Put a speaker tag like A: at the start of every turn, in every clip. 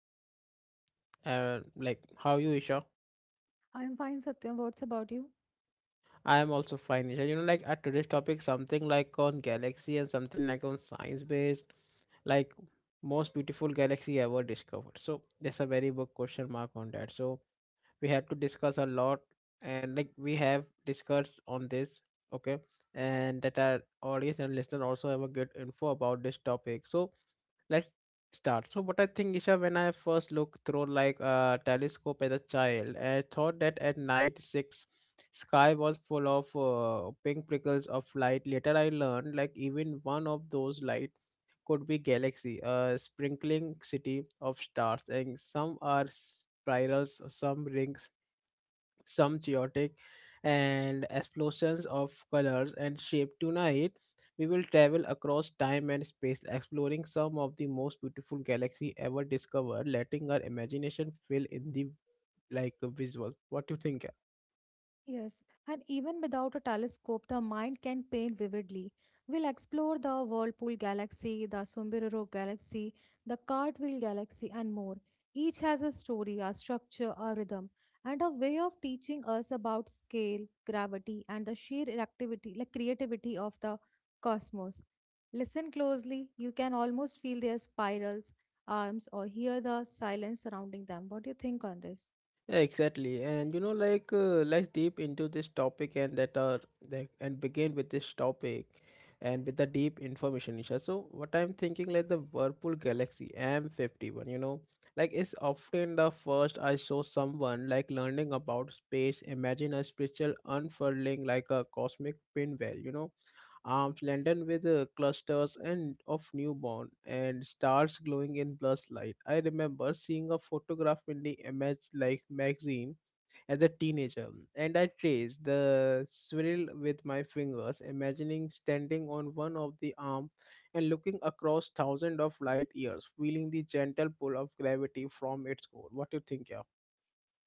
A: Isha. Like how you Isha?
B: I'm fine, Satya. What's about you?
A: I am also fine Isha. You know like at today's topic something like on galaxy and something like on science based like most beautiful galaxy ever discovered. So there's a very big question mark on that. So we have to discuss a lot and like we have discussed on this okay and that our audience and listener also have a good info about this topic. So let's start so what I think isha when I first looked through like a telescope as a child I thought that at night six sky was full of pink prickles of light later I learned like even one of those light could be galaxy a sprinkling city of stars and some are spirals some rings some chaotic and explosions of colors and shape. Tonight, we will travel across time and space, exploring some of the most beautiful galaxies ever discovered, letting our imagination fill in the like visual. What do you think?
B: Yes, and even without a telescope, the mind can paint vividly. We'll explore the Whirlpool Galaxy, the Sombrero Galaxy, the Cartwheel Galaxy, and more. Each has a story, a structure, a rhythm, and a way of teaching us about scale, gravity, and the sheer activity, like creativity of the cosmos. Listen closely. You can almost feel their spirals, arms, or hear the silence surrounding them. What do you think on this?
A: Yeah, exactly. And you know, let's deep into this topic and that are and begin with this topic and with the deep information, Isha. So what I'm thinking like the Whirlpool Galaxy M51, you know, like it's often the first I saw someone like learning about space, imagine a spiritual unfurling like a cosmic pinwheel, you know arms laden with clusters and of newborn and stars glowing in blessed light. I remember seeing a photograph in the image like magazine as a teenager, and I traced the swirl with my fingers, imagining standing on one of the arms and looking across thousands of light years, feeling the gentle pull of gravity from its core. What do you think, yeah?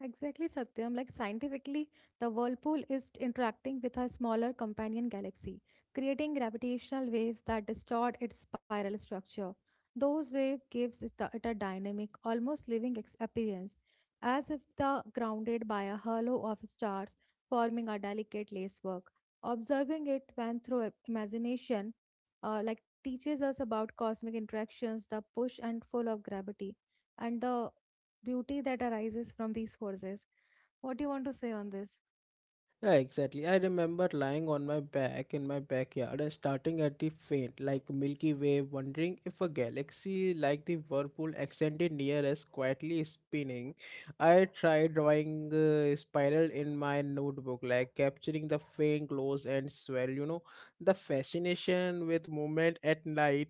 B: Exactly, Satyam. Like scientifically, the whirlpool is interacting with a smaller companion galaxy, creating gravitational waves that distort its spiral structure. Those waves gives it a dynamic, almost living appearance, as if the grounded by a halo of stars, forming a delicate lacework. Observing it when through imagination, like teaches us about cosmic interactions, the push and pull of gravity, and the beauty that arises from these forces. What do you want to say on this?
A: Yeah, exactly. I remember lying on my back in my backyard and starting at the faint, like Milky Way, wondering if a galaxy like the whirlpool extended near us, quietly spinning. I tried drawing a spiral in my notebook, like capturing the faint glows and swell. You know, the fascination with movement at night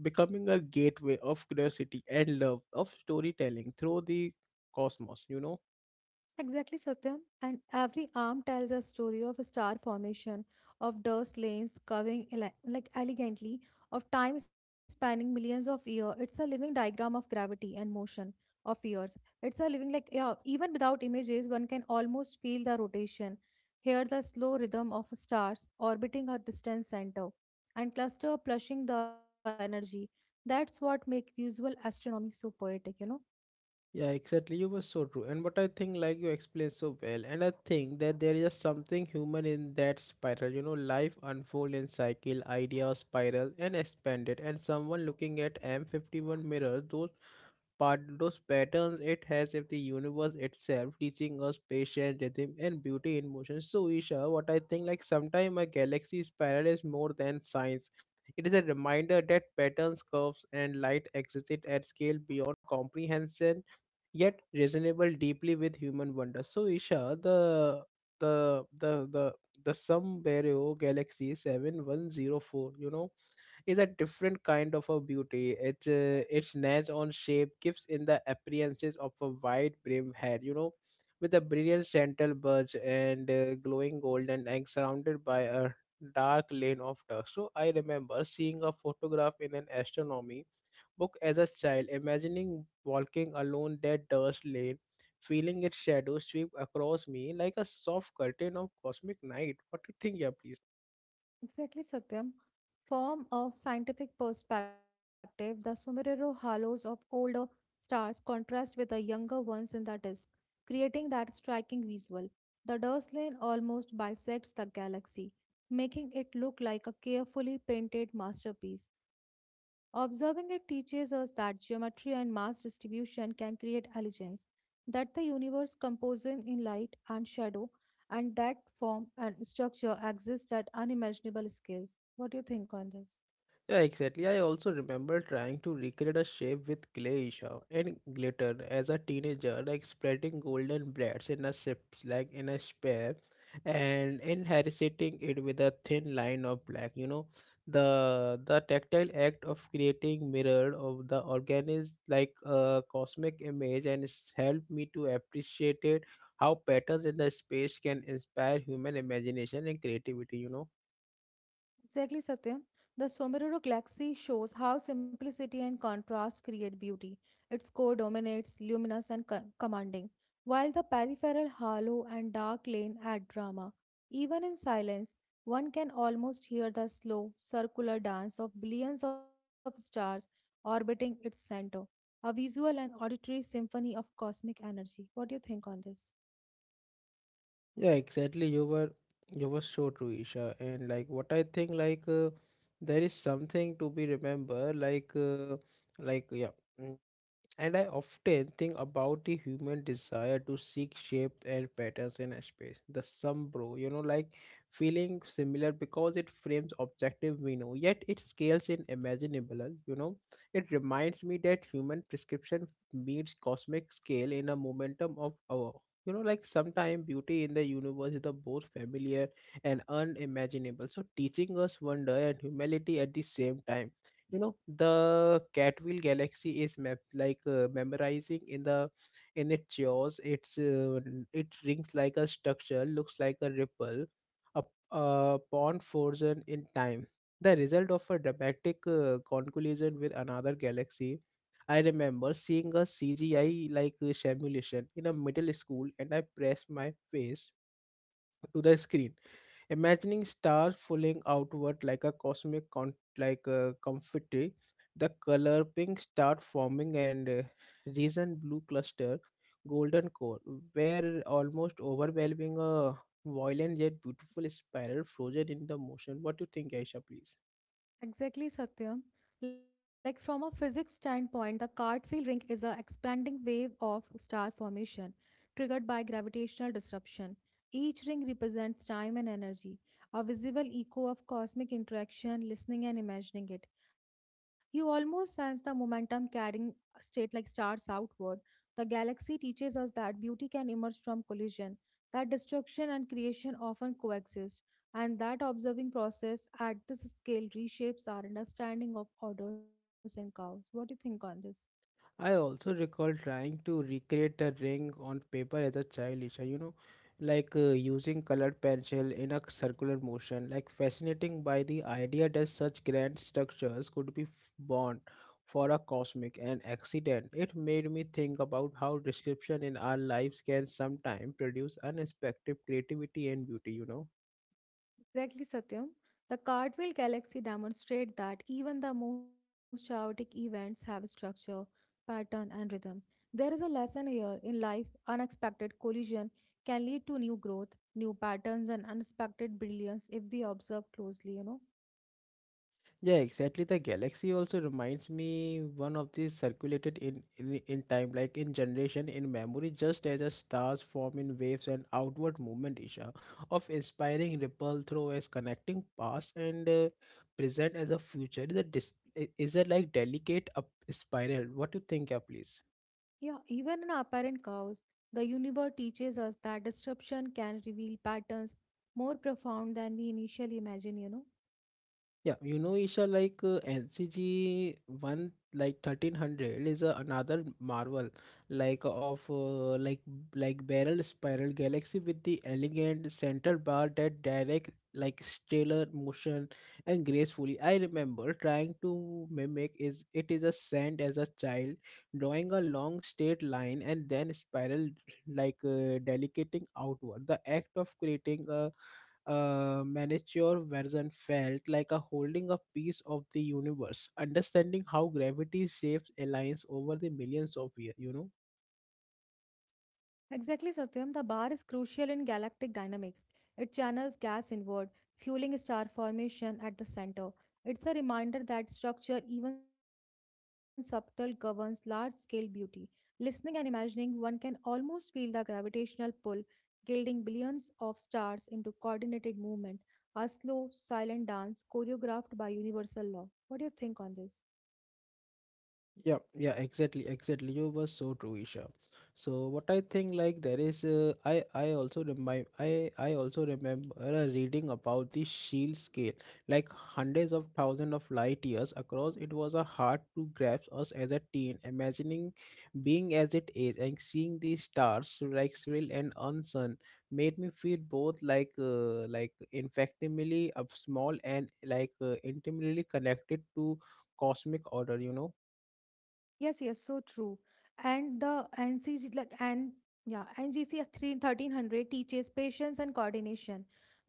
A: becoming a gateway of curiosity and love of storytelling through the cosmos. You know.
B: Exactly, Satyam. And every arm tells a story of a star formation, of dust lanes curving like elegantly, of time spanning millions of years. It's a living diagram of gravity and motion of years. It's a living like yeah. Even without images, one can almost feel the rotation, hear the slow rhythm of stars orbiting a distant center, and cluster plushing the energy. That's what make visual astronomy so poetic.
A: Yeah, exactly. You were so true. And what I think, like you explained so well, and I think that there is something human in that spiral. You know, life unfold in cycle, idea spiral, and expanded. And someone looking at M51 mirror, those part, those patterns it has if the universe itself teaching us patience, rhythm, and beauty in motion. So, Isha, what I think, like sometime a galaxy spiral is more than science. It is a reminder that patterns, curves, and light exist at scale beyond comprehension yet reasonable deeply with human wonder. So Isha, the the the the Sun Barrow Galaxy 7104, you know, is a different kind of a beauty. It Its notch on shape gives in the appearances of a wide brim head, you know, with a brilliant central bulge and glowing golden and surrounded by a dark lane of dust. So I remember seeing a photograph in an astronomy book as a child, imagining walking alone that dust lane, feeling its shadow sweep across me like a soft curtain of cosmic night. What do you think, yeah, please?
B: Exactly, Satyam. From a scientific perspective, the Sumerero halos of older stars contrast with the younger ones in the disk, creating that striking visual. The dust lane almost bisects the galaxy, making it look like a carefully painted masterpiece. Observing it teaches us that geometry and mass distribution can create elegance, that the universe composing in light and shadow and that form and structure exist at unimaginable scales. What do you think on this?
A: Yeah, exactly. I also remember trying to recreate a shape with clay Isha and glitter as a teenager, like spreading golden blades in a sips, like in a spare, and inheriting it with a thin line of black. You know, the tactile act of creating mirror of the organism, like a cosmic image, and it's helped me to appreciate it how patterns in the space can inspire human imagination and creativity. You know.
B: Exactly, Satyam. The Somerero galaxy shows how simplicity and contrast create beauty. Its core dominates, luminous and commanding, while the peripheral hollow and dark lane add drama. Even in silence, one can almost hear the slow, circular dance of billions of stars orbiting its center, a visual and auditory symphony of cosmic energy. What do you think on this?
A: Yeah, exactly. You were so true, Isha. And like what I think, there is something to be remember. Like yeah. And I often think about the human desire to seek shape and patterns in a space. The sombro, you know, like feeling similar because it frames objective we know, yet it scales in imaginable, you know. It reminds me that human prescription meets cosmic scale in a momentum of our. You know, like sometimes beauty in the universe is the both familiar and unimaginable. So teaching us wonder and humility at the same time you know the Catwheel Galaxy is map memorizing in the in its jaws. It rings like a structure, looks like a ripple, a a pond frozen in time. The result of a dramatic conclusion with another galaxy. I remember seeing a CGI simulation in a middle school, and I pressed my face to the screen imagining stars falling outward like a cosmic con- like a confetti the color pink start forming and reason blue cluster golden core were almost overwhelming a violent yet beautiful spiral frozen in the motion. What do you think aisha please?
B: Exactly, Satyam. Like from a physics standpoint, the Cartwheel ring is a expanding wave of star formation triggered by gravitational disruption. Each ring represents time and energy, a visible echo of cosmic interaction, listening and imagining it. You almost sense the momentum carrying state like stars outward. The galaxy teaches us that beauty can emerge from collision, that destruction and creation often coexist. And that observing process at this scale reshapes our understanding of orders and cows. What do you think on this?
A: I also recall trying to recreate a ring on paper as a child, Isha, you know, using colored pencil in a circular motion, like fascinating by the idea that such grand structures could be born for a cosmic an accident. It made me think about how description in our lives can sometimes produce unexpected creativity and beauty, you know.
B: Exactly, Satyam. The Cartwheel Galaxy demonstrate that even the most chaotic events have structure, pattern, and rhythm. There is a lesson here in life unexpected collision can lead to new growth, new patterns, and unexpected brilliance if we observe closely.
A: Yeah, exactly. The galaxy also reminds me one of these circulated in, in time, like in generation, in memory, just as a stars form in waves and outward movement, Isha, of inspiring ripple through as connecting past and present as a future. Is a delicate up spiral. What do you think, yeah, please?
B: Yeah, even in apparent chaos, the universe teaches us that disruption can reveal patterns more profound than we initially imagine.
A: Yeah, you know, Isha, NCG one like 1300 is another marvel, like of like barrel spiral galaxy with the elegant center bar that direct like stellar motion and gracefully. I remember trying to mimic is it is a sand as a child, drawing a long straight line and then spiral delicating outward. The act of creating a miniature version felt like a holding a piece of the universe, understanding how gravity shapes aligns over the millions of years, you know.
B: Exactly, Satyam. The bar is crucial in galactic dynamics. It channels gas inward, fueling star formation at the center. It's a reminder that structure, even subtle, governs large scale beauty. Listening and imagining, one can almost feel the gravitational pull, gilding billions of stars into coordinated movement, a slow, silent dance choreographed by universal law. What do you think on this?
A: Yeah, exactly. You were so true, Isha. So what I think like there is, I also remind I also remember reading about the shield scale, like hundreds of thousands of light years across. It was a hard to grasp us as a teen, imagining being as it is and seeing the stars like surreal and unsun made me feel both like infectimely of small and intimately connected to cosmic order. You know.
B: Yes, yes, so true. And the NCG, like, and yeah, NGC three thirteen hundred teaches patience and coordination.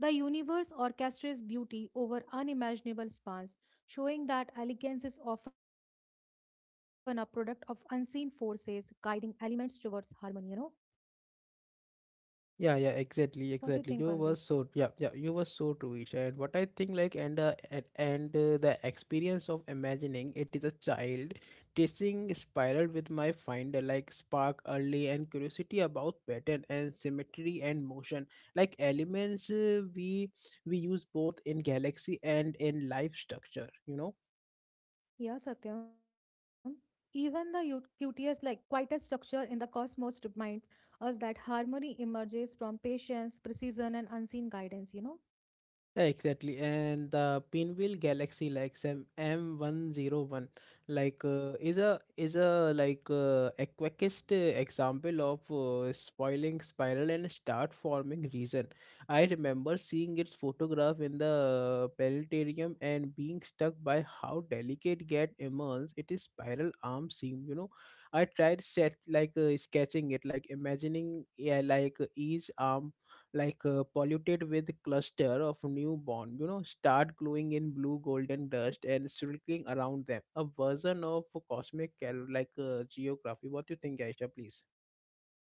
B: The universe orchestrates beauty over unimaginable spans, showing that elegance is often a product of unseen forces guiding elements towards harmony.
A: Yeah, yeah,
B: What do you
A: exactly,
B: think on
A: exactly.
B: this?
A: You were so yeah, yeah. You were so true, Isha. And what I think, like, and the experience of imagining it is a child tasting spiral with my finder, like spark early and curiosity about pattern and symmetry and motion, like elements we use both in galaxy and in life structure. You know.
B: Yeah, Satyam. Even the cutest, like quietest structure in the cosmos reminds us that harmony emerges from patience, precision, and unseen guidance.
A: Exactly, and the Pinwheel Galaxy like some M M101 like is a like a quickest example of spoiling spiral and start forming region. I remember seeing its photograph in the planetarium and being struck by how delicate get immense its spiral arm seem. You know, I tried set sketching it, like imagining yeah, each arm polluted with cluster of newborn you know start glowing in blue golden dust and circling around them a version of cosmic geography. What do you think aisha please?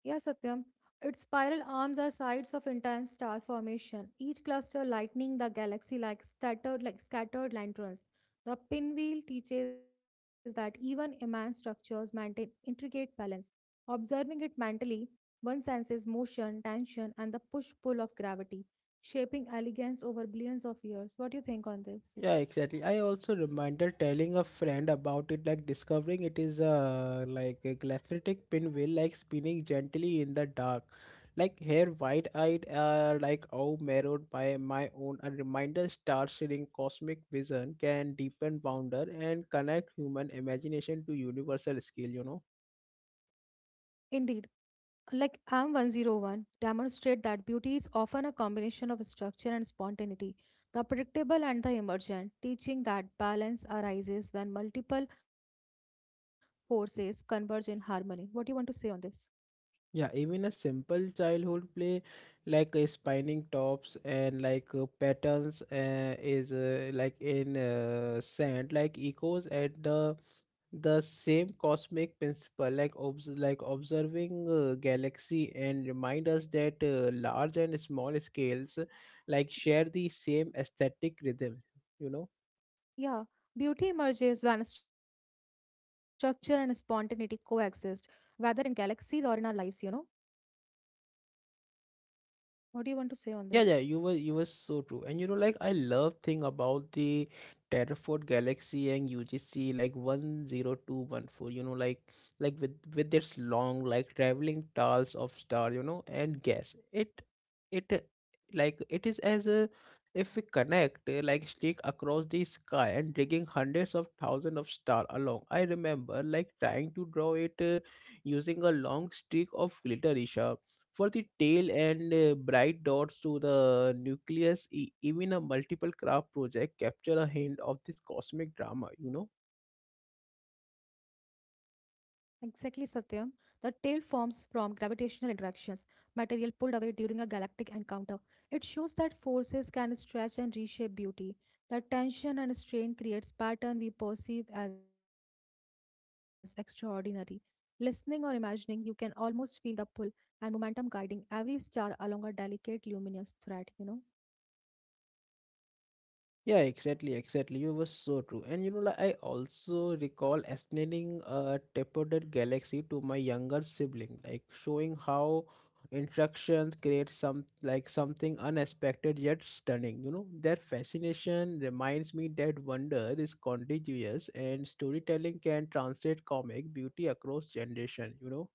B: Yeah, Satyam. Its spiral arms are sites of intense star formation, each cluster lightening the galaxy like scattered lanterns. The pinwheel teaches that even immense structures maintain intricate balance. Observing it mentally, one senses motion, tension, and the push-pull of gravity, shaping elegance over billions of years. What do you think on this?
A: Yeah, exactly. I also remember telling a friend about it, like discovering it is a like a glaciatic pinwheel, like spinning gently in the dark. Like hair white eyed, like oh, marrowed by my own. A reminder star sharing cosmic vision can deepen wonder and connect human imagination to universal scale, you know.
B: Indeed. Like I'm am 101 demonstrate that beauty is often a combination of structure and spontaneity, the predictable and the emergent, teaching that balance arises when multiple forces converge in harmony. What do you want to say on this?
A: Yeah, even a simple childhood play spinning tops and patterns is like in sand like echoes at the same cosmic principle like observing galaxy and remind us that large and small scales like share the same aesthetic rhythm you know.
B: Yeah, beauty emerges when structure and spontaneity coexist, whether in galaxies or in our lives. What do you want to say on this?
A: Yeah, you were so true. And you know, like I love thing about the Terraford Galaxy and UGC like 10214, you know, like with its long like traveling tiles of star, you know, and gas. It uh, it is as a if we connect like stick across the sky and digging hundreds of thousands of star along. I remember like trying to draw it using a long stick of glitter, Isha, for the tail and bright dots to the nucleus even a multiple craft project capture a hint of this cosmic drama.
B: Exactly, Satyam. The tail forms from gravitational interactions, material pulled away during a galactic encounter. It shows that forces can stretch and reshape beauty. That tension and strain creates pattern we perceive as extraordinary. Listening or imagining, you can almost feel the pull and momentum guiding every star along a delicate luminous thread.
A: Yeah, exactly, exactly. You were so true. And you know, like I also recall explaining a Tapered Galaxy to my younger sibling, like showing how instructions create something unexpected yet stunning. You know, their fascination reminds me that wonder is contagious and storytelling can translate comic beauty across generation, you know.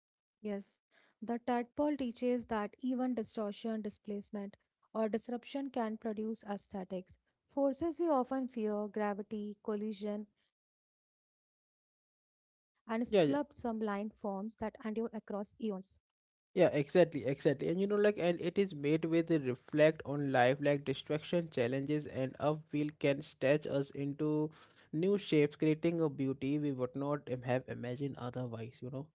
B: Yes, the tadpole teaches that even distortion, displacement, or disruption can produce aesthetics. Forces we often fear, gravity, collision, and sculpt some blind forms that endure
A: Yeah, yeah.
B: across eons.
A: Yeah, exactly, exactly. And you know, like, and it is made with a reflect on life, like distraction, challenges, and upheaval can stretch us into new shapes, creating a beauty we would not have imagined otherwise, you know.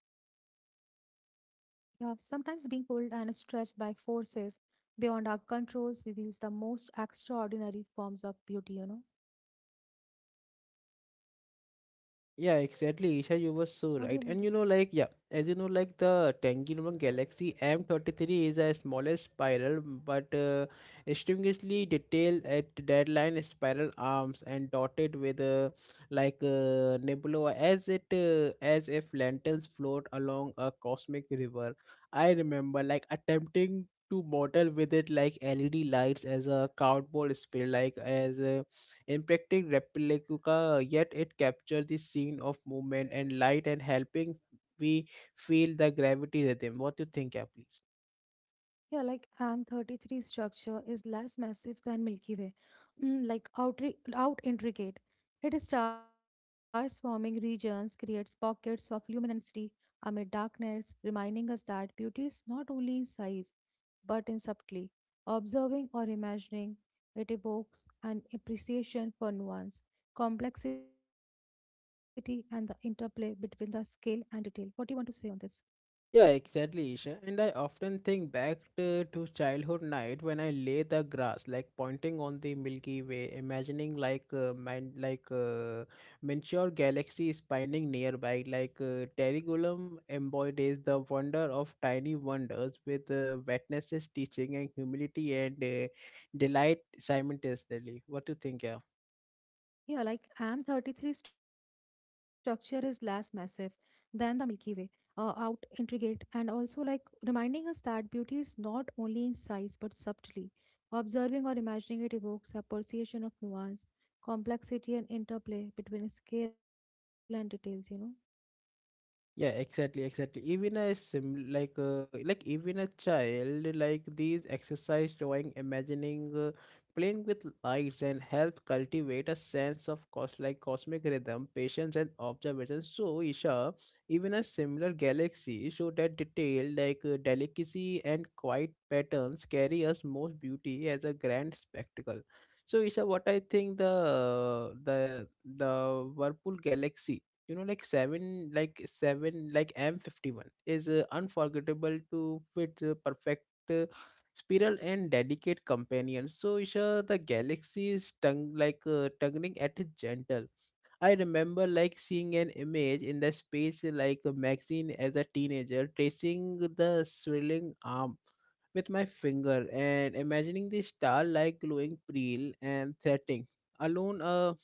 B: Yeah, sometimes being pulled and stretched by forces beyond our controls reveals the most extraordinary forms of beauty.
A: Yeah,
B: What do you
A: exactly.
B: want to?
A: Isha, you were so right. And you know, like, yeah, as you know, like the Tangirong Galaxy M33 is a smaller spiral, but extremely detailed at deadline spiral arms and dotted with nebula as it as if lanterns float along a cosmic river. I remember like attempting to model with it like LED lights as a cardboard spiral, like as impacting Replica, yet it captured the scene of movement and light and helping we feel the gravity rhythm. What do you think, yeah, please?
B: Yeah, like M 33 structure is less massive than Milky Way, mm, like out intricate. It stars forming regions, creates pockets of luminosity amid darkness, reminding us that beauty is not only in size but in subtlety. Observing or imagining, it evokes an appreciation for nuance, complexity, and the interplay between the scale and detail. What do you want to say on this?
A: Yeah, exactly, Isha. And I often think back to childhood night when I lay the grass, like pointing on the Milky Way, imagining man, miniature galaxy spinning nearby, Terigulum embodies the wonder of tiny wonders with wetnesses teaching and humility and delight simultaneously. What do you think, yeah?
B: Yeah, like M 33 structure is less massive than the Milky Way, out intricate, and also like reminding us that beauty is not only in size but subtly. Observing or imagining it evokes appreciation of nuance, complexity, and interplay between scale and details.
A: Yeah, exactly, exactly. Even a sim like even a child like these exercise drawing, imagining, playing with lights and help cultivate a sense of cosmic rhythm, patience and observation. So Isha, even a similar galaxy show that detail delicacy and quiet patterns carry us most beauty as a grand spectacle. So Isha, what I think the Whirlpool galaxy you know like 7 like 7 like m51 is unforgettable to fit perfect spiral and delicate companion. So Isha, the galaxy is tongue like tonguing at its gentle. I remember like seeing an image in the space like a magazine as a teenager, tracing the swirling arm with my finger and imagining the star like glowing pale and threatening alone a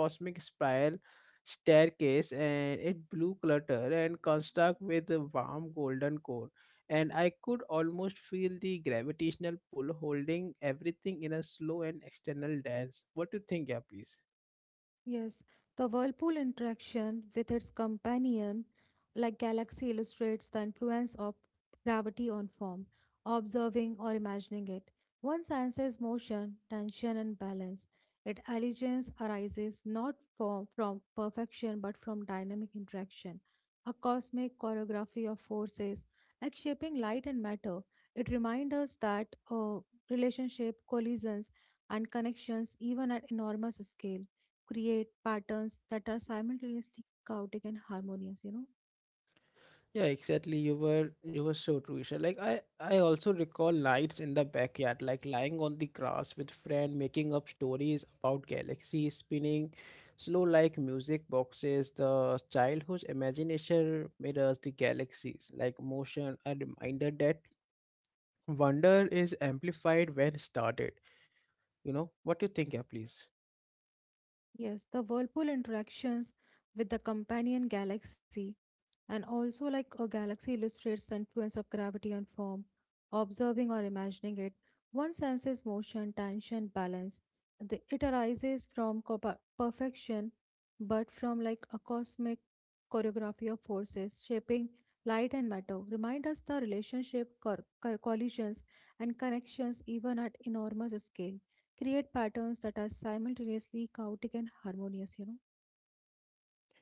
A: cosmic spiral staircase, and it blue clutter and construct with a warm golden core, and I could almost feel the gravitational pull holding everything in a slow and external dance. What do you think, yeah, please?
B: Yes, the Whirlpool interaction with its companion, like galaxy, illustrates the influence of gravity on form, observing or imagining it. One senses motion, tension, and balance. Its allegiance arises not from perfection but from dynamic interaction, a cosmic choreography of forces, like shaping light and matter. It reminds us that relationship, collisions, and connections, even at enormous scale create patterns that are simultaneously chaotic and harmonious, you know?
A: Yeah, exactly. You were so true, Isha. Like I also recall nights in the backyard, like lying on the grass with friend, making up stories about galaxies spinning, slow like music boxes. The childhood imagination mirrors the galaxies, like motion. A reminder that wonder is amplified when started. You know what you think, yeah, please.
B: Yes, the whirlpool interactions with the companion galaxy, and also, like a galaxy illustrates the influence of gravity on form. Observing or imagining it, one senses motion, tension, balance. The, it arises from perfection, but from like a cosmic choreography of forces shaping light and matter. Remind us the relationship, collisions, and connections, even at enormous scale, create patterns that are simultaneously chaotic and harmonious.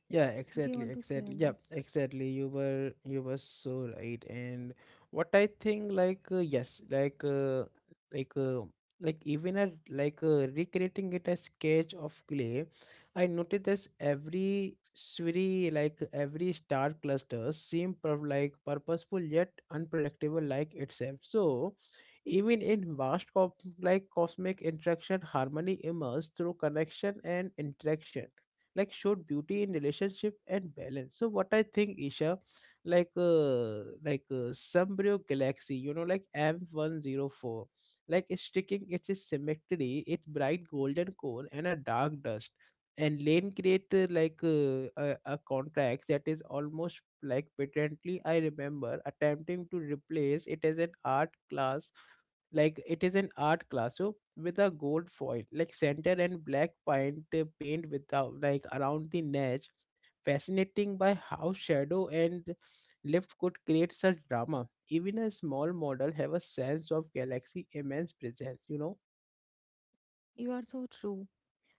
A: Yeah,
B: What do you
A: exactly,
B: want to say
A: exactly.
B: on
A: Yeah,
B: this?
A: exactly. You were so right. And what I think, yes, like uh, like even at like recreating it as sketch of clay, I noticed this every swirly like every star cluster seem per like purposeful yet unpredictable like itself. So even in vast cop like cosmic interaction, harmony emerges through connection and interaction, like showed beauty in relationship and balance. So what I think, Isha, Sunbrew galaxy you know like m104, like it's sticking its symmetry, its bright golden core and a dark dust and lane create a contract that is almost like patently. I remember attempting to replace it as an art class, like it is an art classroom with a gold foil like center and black paint without like around the edge, fascinating by how shadow and lift could create such drama. Even a small model have a sense of galaxy immense presence, you know.
B: You are so true.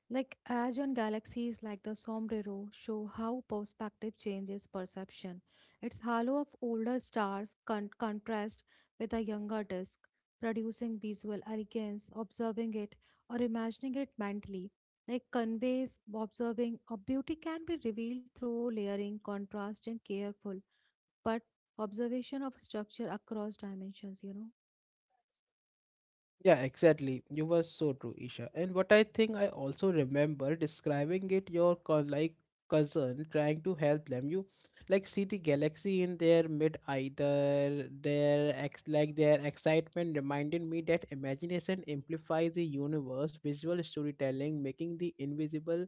B: Like Azure galaxies like the Sombrero show how perspective changes perception. Its halo of older stars contrasts with a younger disk, producing visual elegance, observing it or imagining it mentally. Like conveys observing a beauty can be revealed through layering, contrast, and careful, but observation of structure across dimensions, you know.
A: Yeah, exactly. You were so true, Isha. And what I think, I also remember describing it your cousin, trying to help them. You like see the galaxy in their mid, either their ex like their excitement reminded me that imagination amplifies the universe, visual storytelling, making the invisible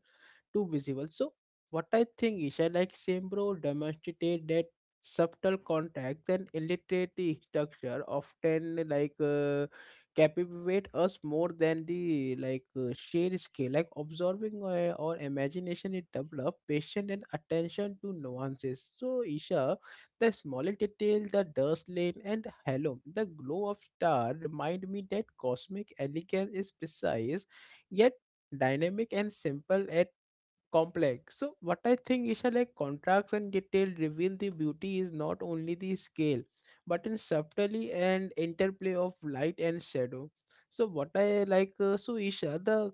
A: too visible. So what I think is I like Sembro demonstrated that subtle contacts and illiterate structure often captivate us more than the sheer scale. Like observing our imagination, it develop patience and attention to nuances. So Isha, the smaller detail, the dust lane and halo, the glow of star remind me that cosmic elegance is precise yet dynamic and simple at complex. So what I think is that like contracts and detail reveal the beauty is not only the scale, but in subtlety and interplay of light and shadow. So what I like so Isha, the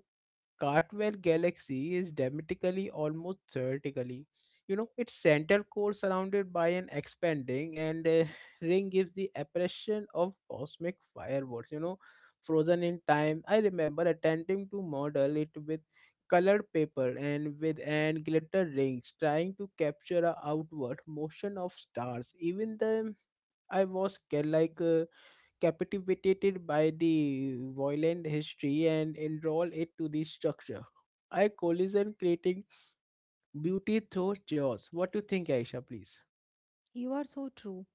A: Cartwell Galaxy is diametrically almost vertically. You know, its center core surrounded by an expanding and ring gives the impression of cosmic fireworks, you know, frozen in time. I remember attempting to model it with colored paper and with and glitter rings, trying to capture a outward motion of stars. Even then, I was scared like. Captivated by the violent history and enroll it to the structure. I collision creating beauty through chaos. What do you think, Aisha, please?
B: You are so true.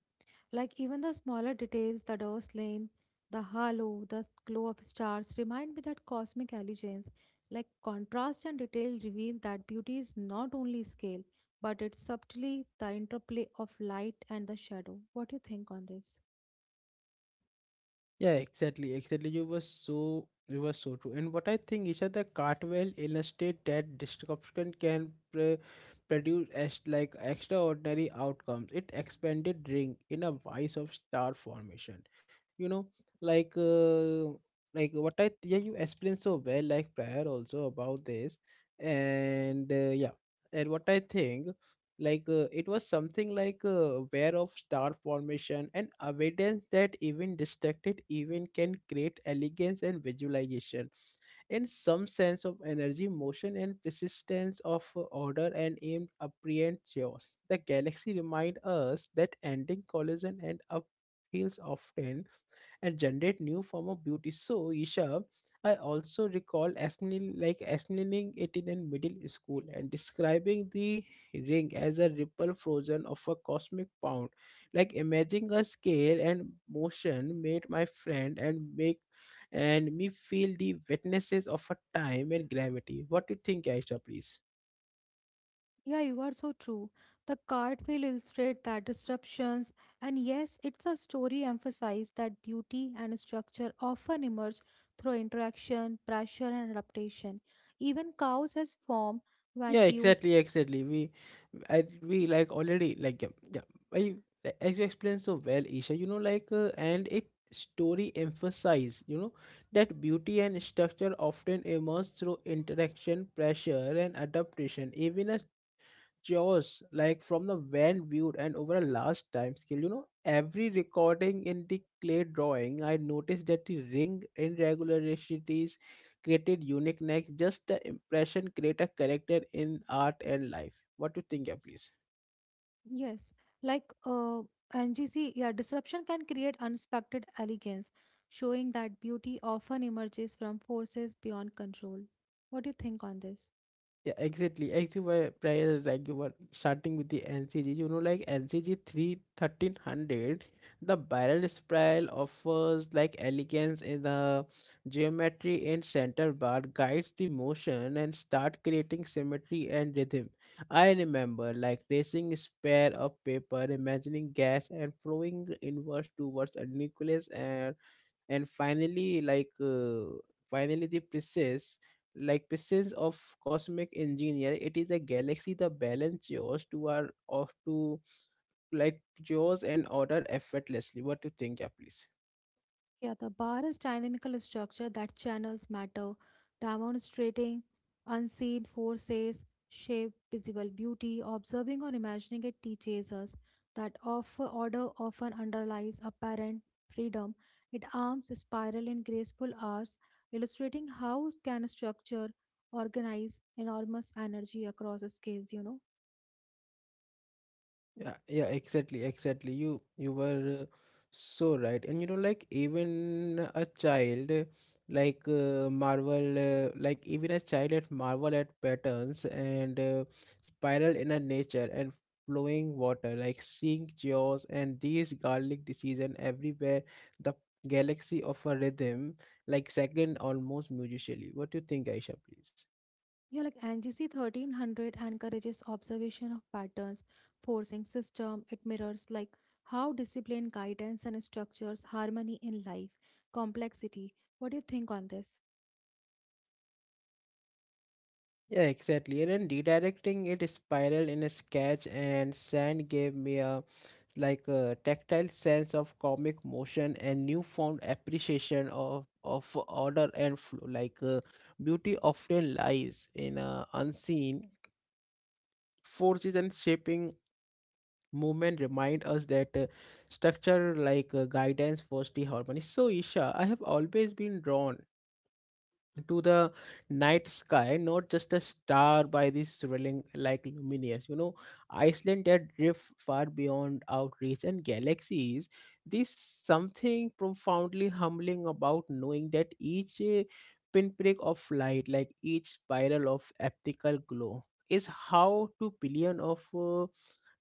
B: Like even the smaller details, the Durst lane, the halo, the glow of stars remind me that cosmic allegiance, like contrast and detail reveal that beauty is not only scale, but it's subtly the interplay of light and the shadow. What do you think on this?
A: Yeah, exactly, exactly. You were so true. And what I think is that the Cartwell illustrate that disruption can produce as like extraordinary outcomes. It expanded ring in a vice of star formation. You know, like uh, like what I, yeah, you explained so well like prior also about this, and yeah, and what I think it was something aware of star formation and evidence that even distracted event can create elegance and visualization and some sense of energy motion and persistence of order and aimed apparent chaos. The galaxy remind us that ending collision and upheavals often and generate new form of beauty. So, Isha, I also recall explaining, it in a middle school and describing the ring as a ripple frozen of a cosmic pound. Like imagining a scale and motion made my friend and make and me feel the witnesses of a time and gravity. What do you think, Aisha, please?
B: Yeah, you are so true. The card will illustrate that disruptions, and yes, it's a story emphasized that beauty and structure often emerge through interaction, pressure, and adaptation. Even cows as form
A: Yeah,
B: when viewed,
A: exactly, exactly. We, I, we like already like yeah, yeah. I, like, as you explained so well, Isha. You know, and it story emphasize, you know, that beauty and structure often emerge through interaction, pressure, and adaptation. Even a jaws like from the van viewed and over a large time scale, you know, every recording in the clay drawing, I noticed that the ring irregularities created uniqueness, just the impression create a character in art and life. What do you think, yeah, please?
B: yes, like uh, NGC, yeah, disruption can create unexpected elegance, showing that beauty often emerges from forces beyond control. What do you think on this?
A: Yeah, exactly. Actually, why prior like you were starting with the NCG, you know, like NCG 3,1300, the barrel spiral offers like elegance in the geometry, and center bar guides the motion and start creating symmetry and rhythm. I remember like tracing a spare of paper, imagining gas and flowing inwards towards a nucleus, and finally the presence of cosmic engineer. It is a galaxy the balance yours to our of to like yours and order effortlessly. What do you think, yeah, please?
B: Yeah, the bar is dynamical structure that channels matter, demonstrating unseen forces, shape, visible beauty, observing or imagining it teaches us that of order often underlies apparent freedom. It arms spiral in graceful arcs, illustrating how can structure organize enormous energy across scales.
A: Yeah, yeah, exactly, exactly. You were so right. And you know, like even a child, like marvel, like even a child at marvel at patterns and spiral in a nature and flowing water, like seeing jaws and these garlic disease and everywhere the galaxy of a rhythm, like second almost musically. What do you think, Aisha, please?
B: Yeah, like NGC 1300 encourages observation of patterns, forcing system. It mirrors like how discipline, guidance, and structures harmony in life, complexity. What do you think on this?
A: Yeah, exactly. And then redirecting it spiraled in a sketch, and sand gave me a like a tactile sense of comic motion and newfound appreciation of order and flow. Beauty often lies in unseen forces and shaping movement, remind us that structure guidance first the harmony. So Isha, I have always been drawn to the night sky, not just a star by this swirling like luminous. You know, Iceland had drift far beyond outreach and galaxies. There's something profoundly humbling about knowing that each pinprick of light, like each spiral of optical glow, is how 2 billion of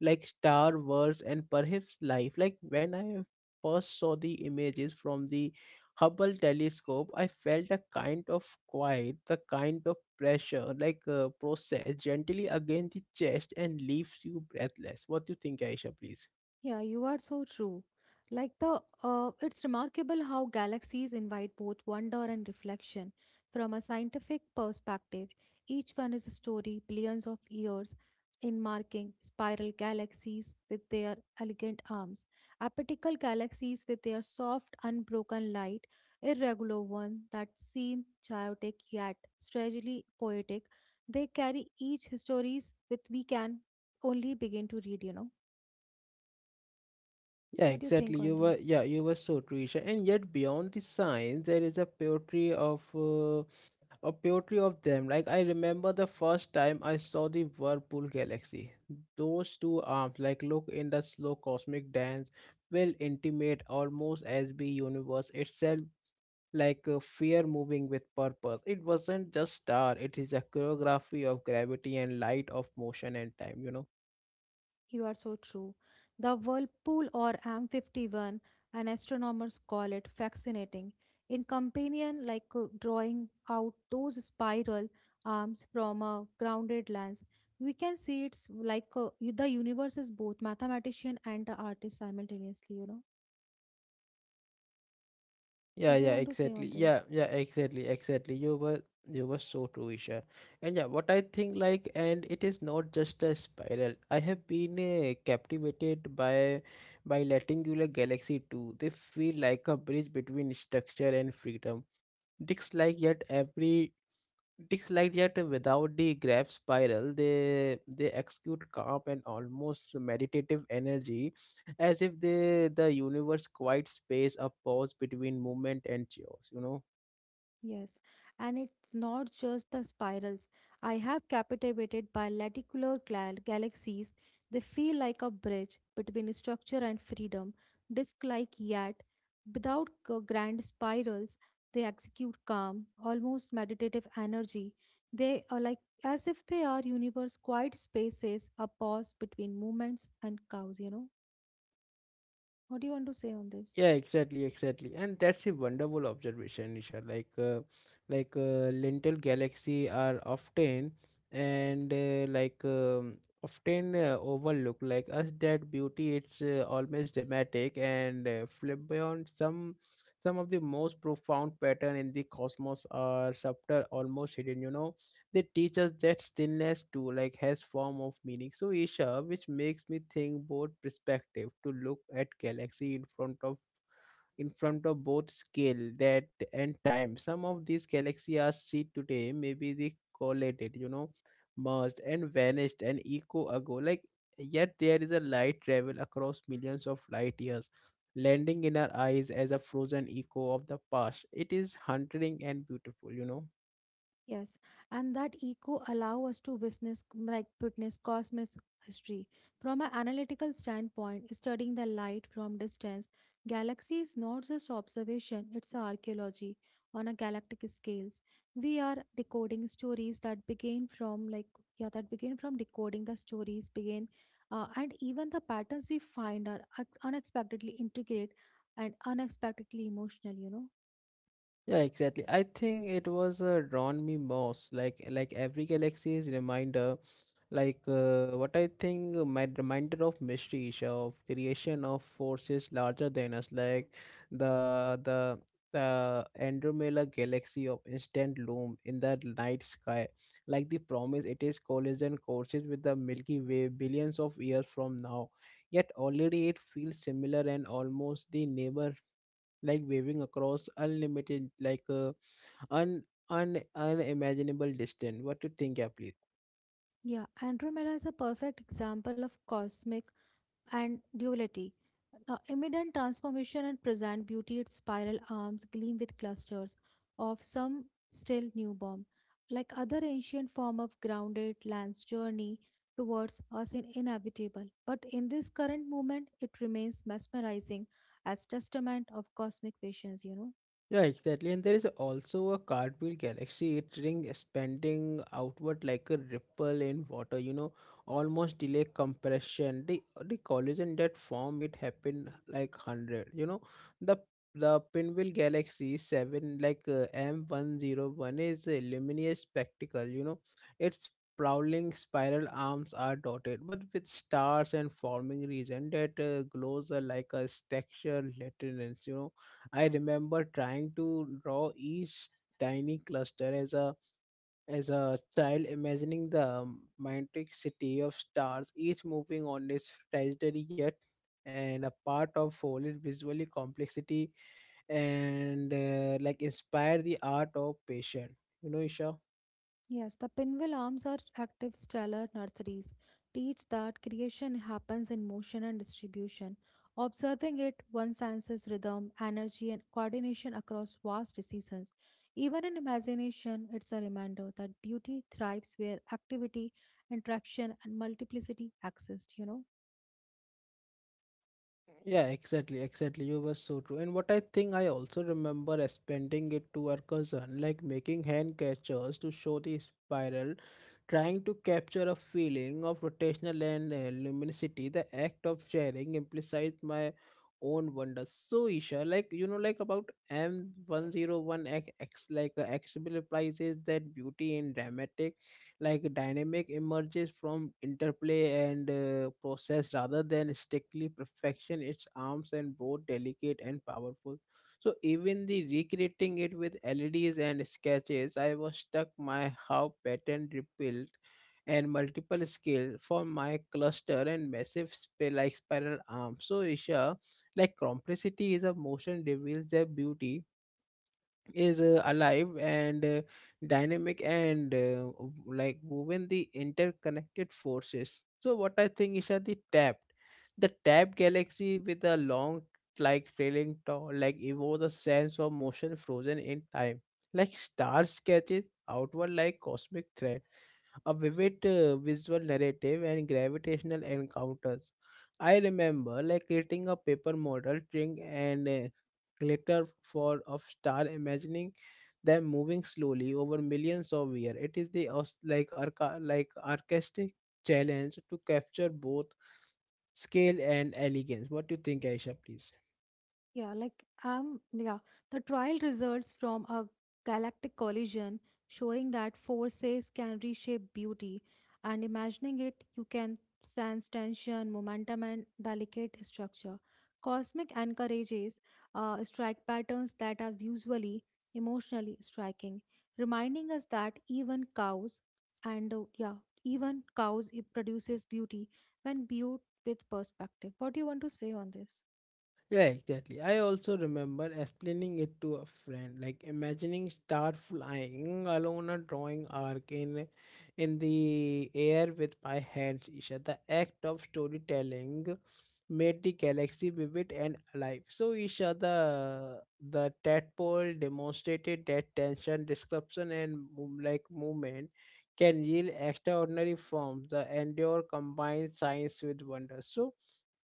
A: like star worlds and perhaps life. Like when I first saw the images from the Hubble telescope, I felt a kind of quiet, the kind of pressure, process gently against the chest and leaves you breathless. What do you think, Aisha, please?
B: Yeah, you are so true. Like the it's remarkable how galaxies invite both wonder and reflection from a scientific perspective. Each one is a story billions of years in marking spiral galaxies with their elegant arms, apical galaxies with their soft unbroken light, irregular ones that seem chaotic yet strangely poetic. They carry each histories with we can only begin to read.
A: Yeah,
B: What do you think
A: exactly.
B: on
A: You were
B: this?
A: yeah, you were so true, Isha. And yet beyond the science, there is a poetry of them. Like I remember the first time I saw the Whirlpool Galaxy. Those two arms, like look in the slow cosmic dance, will intimate almost as the universe itself like a fear moving with purpose. It wasn't just star, it is a choreography of gravity and light of motion and time, you know.
B: You are so true. The whirlpool or M51, and astronomers call it fascinating. In companion, drawing out those spiral arms from a grounded lens, we can see it's the universe is both mathematician and the artist simultaneously. What do you
A: Yeah,
B: want to say
A: exactly.
B: on
A: Yeah,
B: this?
A: yeah, exactly, exactly. You were so true, Isha. And yeah, what I think like and it is not just a spiral. I have been captivated by Latingular Galaxy 2. They feel like a bridge between structure and freedom. Disc like yet every Ticks Like that without the graph spiral, they execute calm and almost meditative energy, as if they the universe quiet space a pause between movement and chaos. You know.
B: Yes, and it's not just the spirals. I have captivated by lenticular galaxies. They feel like a bridge between structure and freedom, disk-like yet without grand spirals. They execute calm, almost meditative energy. They are like As if they are universe quiet spaces, a pause between movements and cows, you know. What do you want to say on this?
A: Yeah, exactly, exactly, and that's a wonderful observation, Nisha. Like, lentil galaxy are often and like often overlooked. Like us, that beauty it's almost dramatic and flamboyant. Some of the most profound pattern in the cosmos are subtle, almost hidden. You know, they teach us that stillness too, like has form of meaning. So, Isha, which makes me think both perspective to look at galaxy in front of both scale that and time. Some of these galaxies are seen today, maybe they collated, you know, merged and vanished an eco ago, like yet there is a light travel across millions of light years landing in our eyes as a frozen echo of the past. It is haunting and beautiful, you know.
B: Yes, and that echo allow us to witness cosmic history from an analytical standpoint, studying the light from distance. Galaxy is not just observation; it's archaeology on a galactic scales. We are decoding stories that begin from like yeah that begin from decoding the stories begin, and even the patterns we find are unexpectedly intricate and unexpectedly emotional, you know.
A: Yeah, exactly. I think it was drawn me most like every galaxy is reminder, what I think my reminder of mystery, Isha, of creation of forces larger than us, like the the the Andromeda galaxy of instant loom in the night sky, like the promise it is collision courses with the Milky Way billions of years from now. Yet already it feels similar and almost the neighbor like waving across unlimited like un, un unimaginable distance. What do you think, yeah, please.
B: Yeah, Andromeda is a perfect example of cosmic and duality. Now, imminent transformation and present beauty, its spiral arms gleam with clusters of some still newborn. Like other ancient form of grounded land's journey towards us in inevitable. But in this current moment, it remains mesmerizing as testament of cosmic patience, you know.
A: Yeah, exactly. And there is also a cartwheel galaxy. It ring expanding outward like a ripple in water, you know, almost delay compression. The collision that form it happened like hundred. You know, the the pinwheel galaxy seven like M 101 is a luminous spectacle. You know, its prowling spiral arms are dotted, but with stars and forming region that glows like a texture lanterns. You know, I remember trying to draw each tiny cluster as a child, imagining the magnetic city of stars, each moving on its trajectory yet and a part of foliage visually complexity and like inspire the art of patience. You know, Isha.
B: Yes, the pinwheel arms are active stellar nurseries. Teach that creation happens in motion and distribution. Observing it, one senses rhythm, energy, and coordination across vast seasons. Even in imagination, it's a reminder that beauty thrives where activity, interaction, and multiplicity exist, you know.
A: Yeah, exactly, exactly. You were so true. And what I think I also remember as spending it to our cousin, like making hand gestures to show the spiral, trying to capture a feeling of rotational and luminosity. The act of sharing implies my own wonder. So Isha, like you know, like about M 101 X, like X implies that beauty in dramatic like dynamic emerges from interplay and process rather than strictly perfection. Its arms and both delicate and powerful, so even the recreating it with leds and sketches, I was stuck my how pattern rebuilt and multiple scale for my cluster and massive spiral arm. So Isha, like complexity is a motion reveals their beauty is alive and dynamic and like woven the interconnected forces. So what I think is that the tap galaxy with a long like trailing tall like evoke the sense of motion frozen in time, like stars sketches outward like cosmic thread, a vivid visual narrative and gravitational encounters. I remember like creating a paper model, string and glitter for of star, imagining them moving slowly over millions of years. It is the like artistic challenge to capture both scale and elegance. What do you think, Aisha? Please.
B: Yeah, the trial results from a galactic collision showing that forces can reshape beauty, and imagining it, you can sense tension, momentum, and delicate structure. Cosmic encourages strike patterns that are visually, emotionally striking, reminding us that even cows, and even cows, it produces beauty when viewed with perspective. What do you want to say on this?
A: Yeah, exactly. I also remember explaining it to a friend, like imagining star flying along a drawing arc in the air with my hands. Isha, the act of storytelling made the galaxy vivid and alive. So Isha, the tadpole demonstrated that tension, disruption, and movement can yield extraordinary forms. The endure combined science with wonder. So.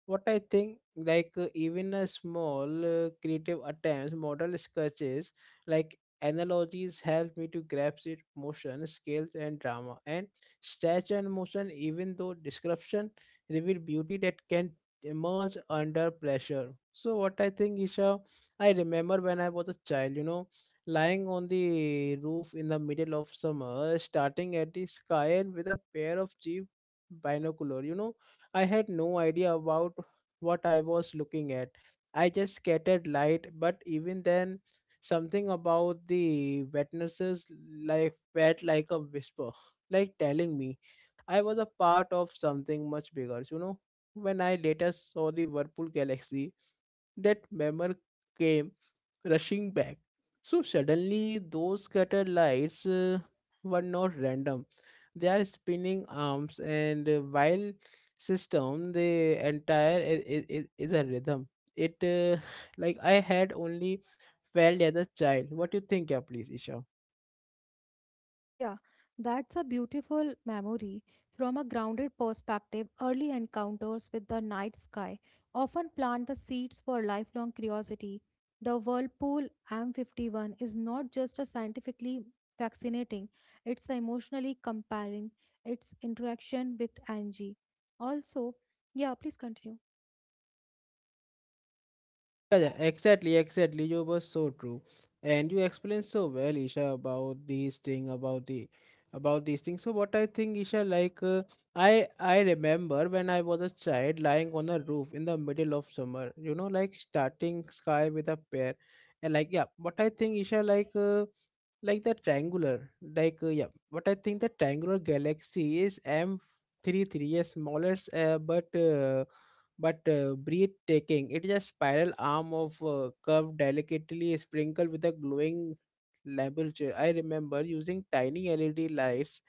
A: What I think, like even a small creative attempts, model sketches, like analogies help me to grasp it motion, scales, and drama. And stretch and motion, even though description reveal beauty that can emerge under pressure. So what I think, Isha, I remember when I was a child, you know, lying on the roof in the middle of summer, starting at the sky and with a pair of cheap binocular. You know, I had no idea about what I was looking at. I just scattered light, but even then, something about the wetnesses like felt like a whisper, like telling me I was a part of something much bigger, you know. When I later saw the Whirlpool Galaxy, that memory came rushing back. So suddenly, those scattered lights were not random. They are spinning arms, and while system, the entire is a rhythm. It like I had only felt as a child. What do you think, yeah, please, Isha?
B: Yeah, that's a beautiful memory. From a grounded perspective, early encounters with the night sky often plant the seeds for lifelong curiosity. The Whirlpool M51 is not just a scientifically fascinating, it's emotionally compelling. Its interaction with Angie. Also, yeah, please continue.
A: Yeah, exactly. You were so true, and you explained so well, Isha, about these thing, about the, about these things. So what I think, Isha, like I remember when I was a child, lying on a roof in the middle of summer. You know, like starting sky with a pear, and like yeah, what I think, Isha, like the triangular, like yeah, what I think the triangular galaxy is M three three, a smaller, but breathtaking. It is a spiral arm of curve delicately sprinkled with a glowing lambrusco. I remember using tiny LED lights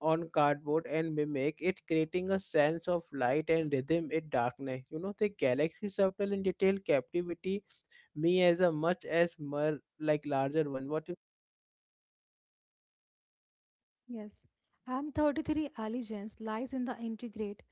A: on cardboard and mimic it, creating a sense of light and rhythm in darkness. You know, the galaxy subtle in detail captivity me as a much as more like larger one. What?
B: Yes. M33 allegiance lies in the integrate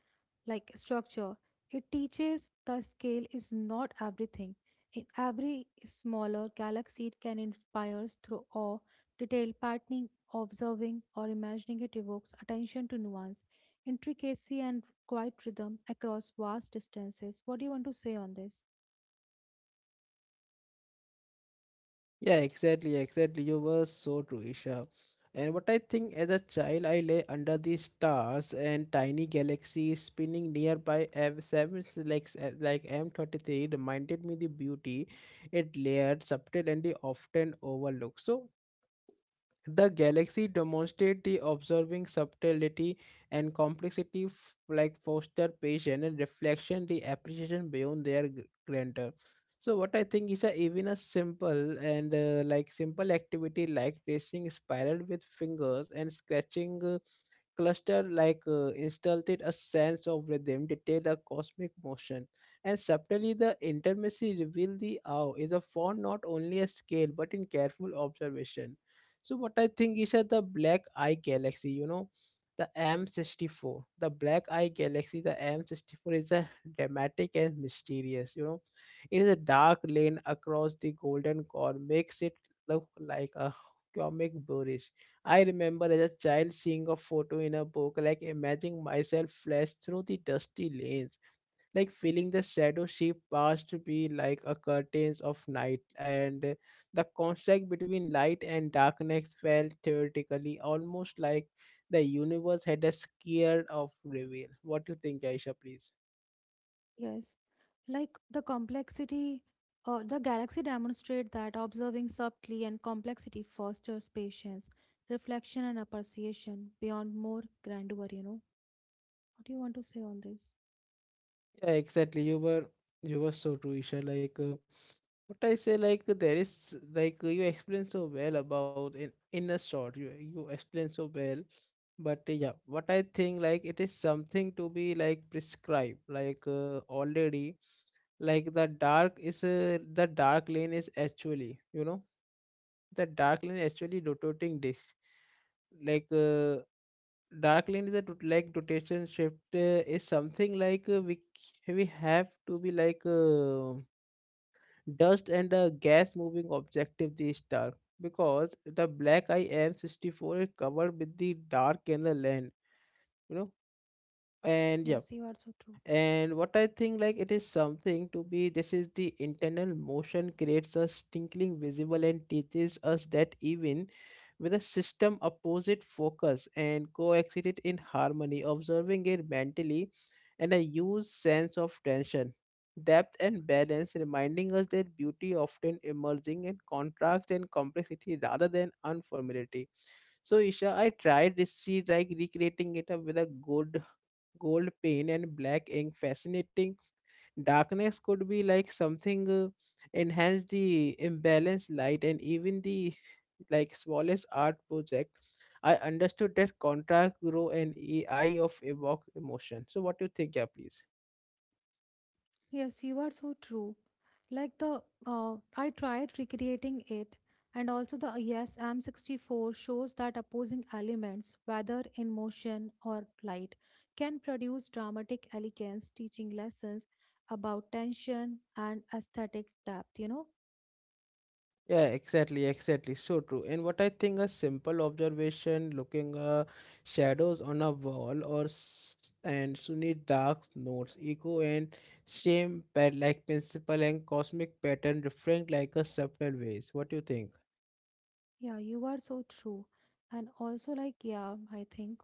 B: like structure. It teaches the scale is not everything. In every smaller galaxy, it can inspire through awe, detailed patterning, observing, or imagining it evokes attention to nuance, intricacy, and quiet rhythm across vast distances. What do you want to say on this?
A: Yeah, exactly, exactly. You were so true, Isha. And what I think as a child, I lay under the stars and tiny galaxies spinning nearby. M seven like s- like M 33 reminded me the beauty it layered, subtle, and the often overlooked. So the galaxy demonstrate the observing subtlety and complexity foster patience and reflection the appreciation beyond their grandeur. So what I think is that even a simple and like simple activity like tracing spiral with fingers and scratching cluster like installed a sense of rhythm, detail a cosmic motion, and subtly the intimacy reveal the awe is a font not only a scale but in careful observation. So what I think is that the Black Eye Galaxy, you know, the M64, the Black Eye Galaxy, the M64 is a dramatic and mysterious, you know. It is a dark lane across the Golden Core, makes it look like a comic boorish. I remember as a child seeing a photo in a book, like imagining myself flash through the dusty lanes like feeling the shadow she passed be like a curtains of night and the contrast between light and darkness felt theoretically almost like the universe had a scare of reveal. What do you think, Aisha, please?
B: Yes, like the complexity. The galaxy demonstrate that observing subtly and complexity fosters patience, reflection, and appreciation beyond more grandeur, you know. What do you want to say on this?
A: Yeah, exactly. You were so true, Isha, like what I say. Like there is like you explain so well about in a short, you explain so well. But yeah, what I think like it is something to be like prescribed, like already, like the dark is the dark lane is actually, you know, the dark lane actually rotating disk, like dark lane is a rotation shift is something like we have to be like dust and a gas moving objective the star because the black I am 64 is covered with the dark and the land, you know. And yeah,
B: Yes, you are so true.
A: and what I think like it is something to be this is the internal motion creates a tinkling visible and teaches us that even with a system opposite focus and coexist it in harmony. Observing it mentally and a huge sense of tension, depth and balance, reminding us that beauty often emerging in contrast and complexity rather than unfamiliarity. So Isha, I tried to see like recreating it up with a good gold paint and black ink fascinating darkness could be like something enhance the imbalance light and even the like smallest art project. I understood that contrast grow and eye of evoke emotion. So what do you think, yeah, please?
B: Yes, you are so true. Like the I tried recreating it, and also the Yes I'm 64 shows that opposing elements, whether in motion or light, can produce dramatic elegance, teaching lessons about tension and aesthetic depth, you know?
A: Yeah, exactly, exactly. So true. And what I think a simple observation, looking shadows on a wall or s- and Sunni dark notes, echo and shame pad like principle and cosmic pattern different like a subtle ways. What do you think?
B: Yeah, you are so true. And also, like, yeah, I think.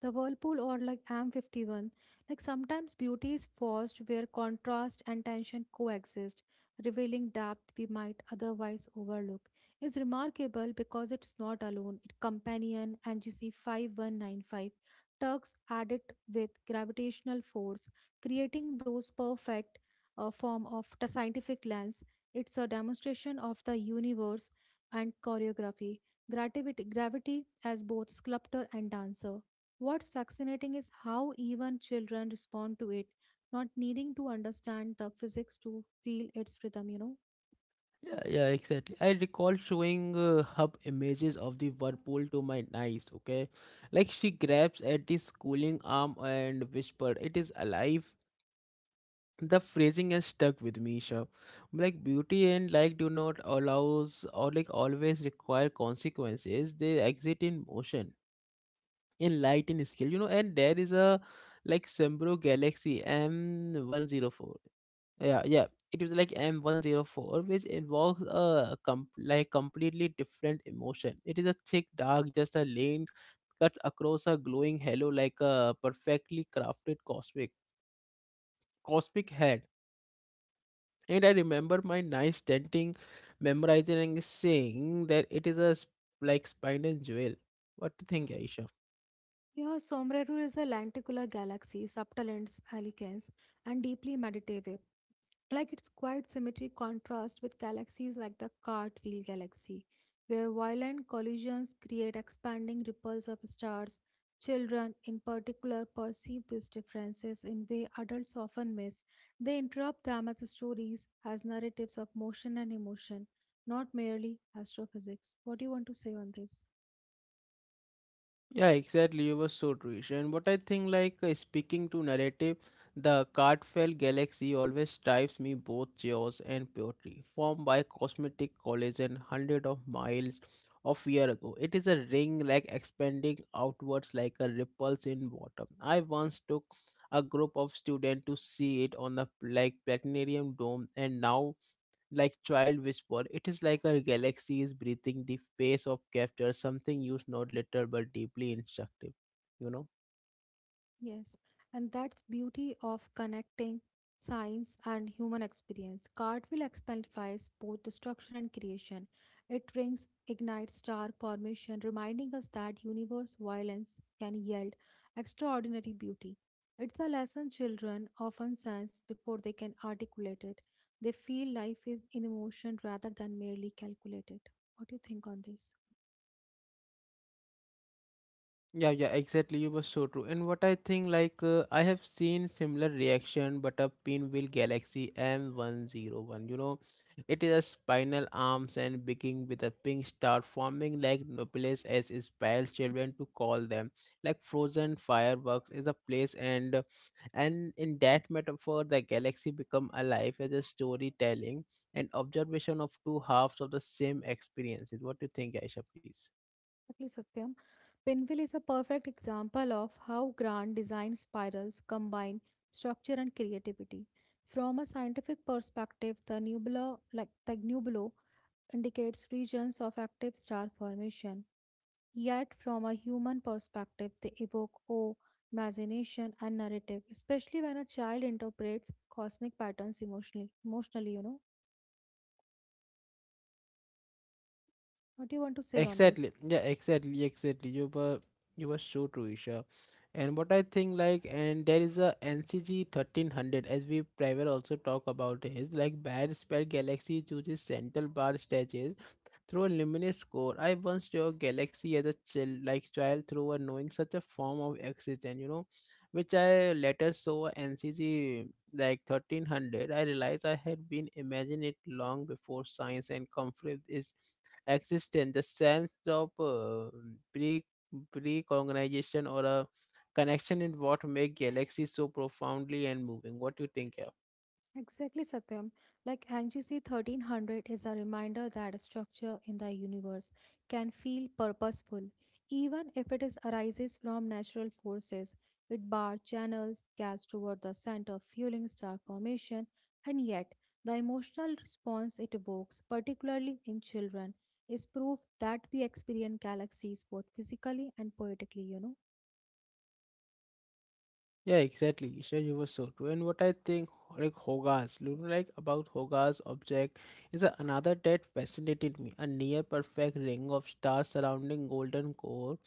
B: The whirlpool or like M51, like sometimes beauty is forced where contrast and tension coexist, revealing depth we might otherwise overlook. Is remarkable because it's not alone. It companion NGC 5195 tugs at it with gravitational force, creating those perfect form of scientific lens. It's a demonstration of the universe and choreography. Gravity as both sculptor and dancer. What's fascinating is how even children respond to it, not needing to understand the physics to feel its rhythm, you know.
A: Yeah, yeah, exactly. I recall showing hub images of the whirlpool to my niece, okay? Like she grabs at the schooling arm and whispered, It is alive. The phrasing has stuck with me, sure. Like beauty and like do not allows or like always require consequences, they exit in motion, in light, in scale, and there is a like Sembro Galaxy M104. Yeah, yeah, it was like M104, which involves a like completely different emotion. It is a thick dark just a lane cut across a glowing halo like a perfectly crafted cosmic head. And I remember my nice tenting, memorizing and saying that it is a like spinal jewel. What do you think, Aisha?
B: Yeah, Sombrero is a lenticular galaxy, subtle in its elegance and deeply meditative. Like its quiet symmetry contrasts with galaxies like the cartwheel galaxy, where violent collisions create expanding ripples of stars. Children, in particular, perceive these differences in way adults often miss. They interrupt them as stories, as narratives of motion and emotion, not merely astrophysics. What do you want to say on this?
A: Yeah, exactly. You were so true, Isha. And what I think, like speaking to narrative, the Cartfell galaxy always drives me both chaos and poetry, formed by cosmetic collision, hundred of miles of year ago. It is a ring like expanding outwards like a ripples in water. I once took a group of students to see it on the like platinarium dome, and now like child whisper it is like a galaxy is breathing the face of capture something used not little but deeply instructive you know
B: Yes, and that's beauty of connecting science and human experience. Cartwheel exemplifies both destruction and creation. It rings, ignites star formation, reminding us that universe violence can yield extraordinary beauty. It's a lesson children often sense before they can articulate it. They feel life is in motion rather than merely calculated. What do you think on this?
A: Yeah, yeah, exactly. You were so true. And what I think, like, I have seen similar reaction, but a pinwheel Galaxy M101. You know, it is a spinal arms and beginning with a pink star, forming like nucleus as inspires children to call them. Like frozen fireworks is a place, and in that metaphor, the galaxy become alive as a storytelling and observation of two halves of the same experiences. What do you think, Aisha? Please.
B: Exactly, Satyam. Pinwheel is a perfect example of how grand design spirals combine structure and creativity. From a scientific perspective, the nebula indicates regions of active star formation. Yet, from a human perspective, they evoke awe, imagination, and narrative, especially when a child interprets cosmic patterns emotionally. Emotionally, you know. What do you want to say on
A: Exactly.
B: this?
A: Yeah, exactly, exactly. You were so true, Isha. And what I think like and there is a NCG 1300, as we prior also talk about, is like bad spare galaxy chooses central bar stages through a luminous core. I once saw a galaxy as a chill like child through a knowing such a form of existence, you know, which I later saw NCG like 1300. I realized I had been imagining it long before science and conflict is existence, the sense of pre precognition or a connection in what make galaxies so profoundly and moving. What you think, yeah?
B: Exactly, Satyam. Like NGC 1300 is a reminder that a structure in the universe can feel purposeful, even if it is arises from natural forces. It bar channels gas toward the center, fueling star formation, and yet the emotional response it evokes, particularly in children, is proof that we experience galaxies both physically and poetically, you know.
A: Yeah, exactly. Isha, you were so true. And what I think, like Hogarth, you know, like about Hogarth's object is another that fascinated me. A near perfect ring of stars surrounding golden core.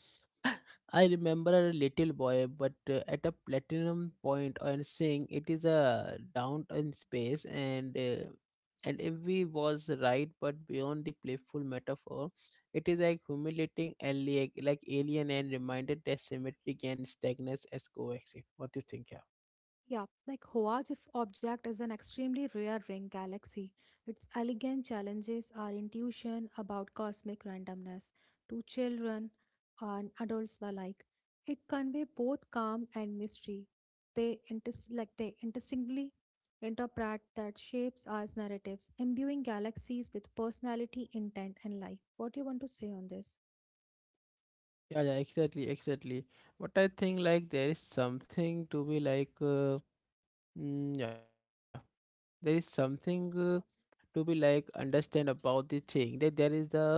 A: I remember a little boy, but at a platinum point and saying it is a downtown space, and if we was right, but beyond the playful metaphor, it is like humiliating alien, like alien, and reminded that symmetry can stagnate as coexist. What do you think? Yeah,
B: Yeah, like Hawaj object is an extremely rare ring galaxy. Its elegant challenges our intuition about cosmic randomness to children and adults alike. It convey both calm and mystery. They interestingly interpret that shapes as narratives, imbuing galaxies with personality, intent, and life. What do you want to say on this?
A: yeah, yeah, exactly, exactly. But I think like there is something to be like, yeah, there is something to be like understand about the thing that there is the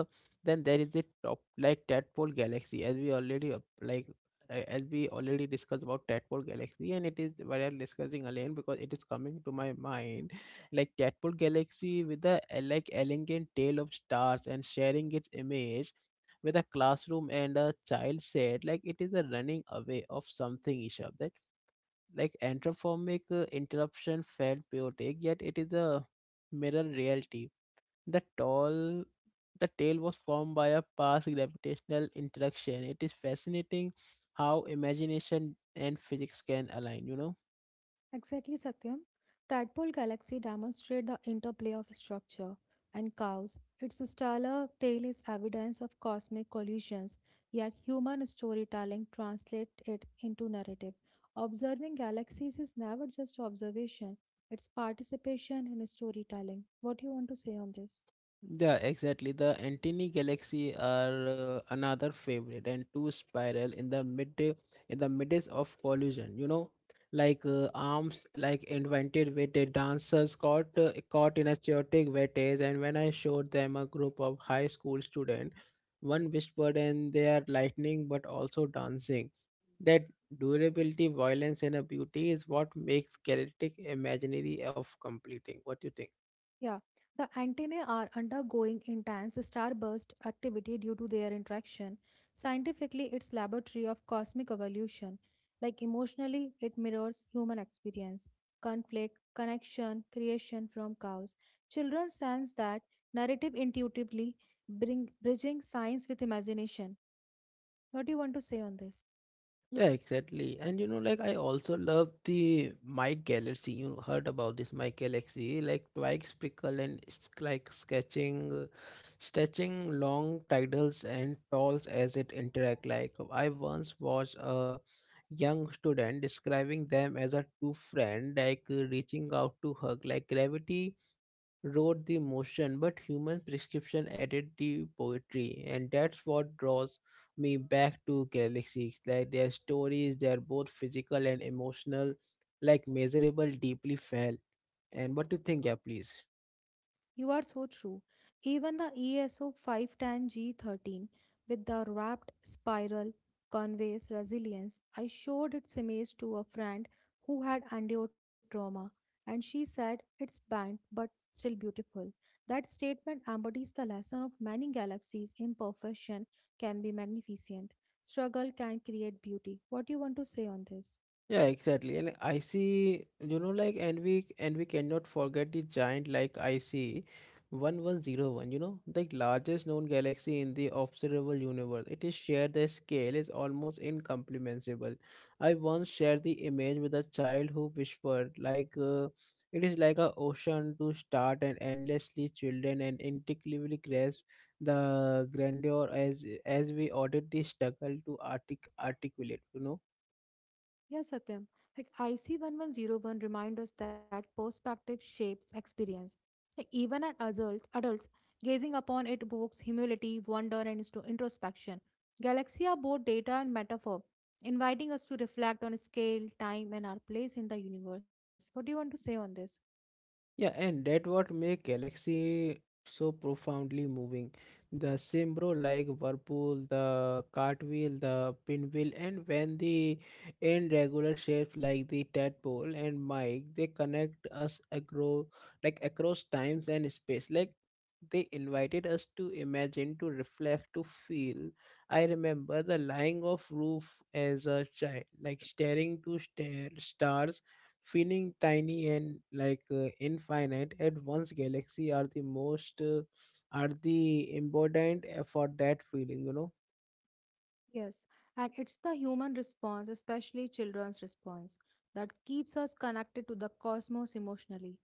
A: then there is the top like tadpole galaxy as we already like as we already discussed about tadpole galaxy, and it is what I'm discussing again because it is coming to my mind. Like tadpole galaxy with the like elegant tail of stars and sharing its image with a classroom and a child said like it is a running away of something, Isha, like anthropomorphic interruption felt poetic, yet it is a mirror reality. the tall the tale was formed by a past gravitational interaction. It is fascinating how imagination and physics can align.
B: Exactly, Satyam. Tadpole galaxy demonstrate the interplay of structure and chaos. Its stellar tail is evidence of cosmic collisions, yet human storytelling translates it into narrative. Observing galaxies is never just observation, it's participation in storytelling. What do you want to say on this?
A: Yeah, exactly. The Antony Galaxy are another favorite and two spiral in the mid in the midst of collision. You know, like arms like invented with the dancers caught in a chaotic vortex. And when I showed them a group of high school student, one whispered, and they are lightning but also dancing. That durability, violence, and a beauty is what makes Galactic imaginary of completing. What do you think?
B: Yeah, the antennae are undergoing intense starburst activity due to their interaction. Scientifically, it's laboratory of cosmic evolution. Like emotionally, it mirrors human experience, conflict, connection, creation from chaos. Children sense that narrative intuitively, bring bridging science with imagination. What do you want to say on this?
A: Yeah, exactly. And you know, like I also love the My Galaxy. You heard about this My Galaxy, like twigs prickle and it's like sketching, stretching long titles and talls as it interact. Like I once watched a young student describing them as a two friend, like reaching out to hug, like gravity wrote the motion, but human prescription added the poetry, and that's what draws me back to galaxies. Like their stories, they are both physical and emotional, like measurable, deeply felt. And what do you think, yeah, please?
B: You are so true. Even the ESO 510G13 with the wrapped spiral conveys resilience. I showed its image to a friend who had endured trauma, and she said it's bent but still beautiful. That statement embodies the lesson of many galaxies. Imperfection can be magnificent, struggle can create beauty. What do you want to say on this?
A: Yeah, exactly. And I see, you know, like, and we cannot forget the giant like IC 1101, you know, the largest known galaxy in the observable universe. It is shared the scale is almost incomprehensible. I once shared the image with a child who whispered, like, it is like a ocean to start and endlessly children and intuitively grasp the grandeur as we audit the struggle to articulate,
B: Yes, Satyam. Like IC1101 reminds us that perspective shapes experience. Like even at adults gazing upon it evokes humility, wonder, and introspection. Galaxy are both data and metaphor, inviting us to reflect on scale, time, and our place in the universe. What do you want to say on this?
A: Yeah, and that what make Galaxy so profoundly moving. The Simbro like whirlpool, the cartwheel, the pinwheel, and when the irregular shapes like the tadpole and Mike, they connect us across like across times and space. Like they invited us to imagine, to reflect, to feel. I remember the lying of roof as a child, like staring to stare stars feeling tiny and like infinite at once. Galaxy are the most are the important for that feeling.
B: Yes, and it's the human response, especially children's response, that keeps us connected to the cosmos emotionally.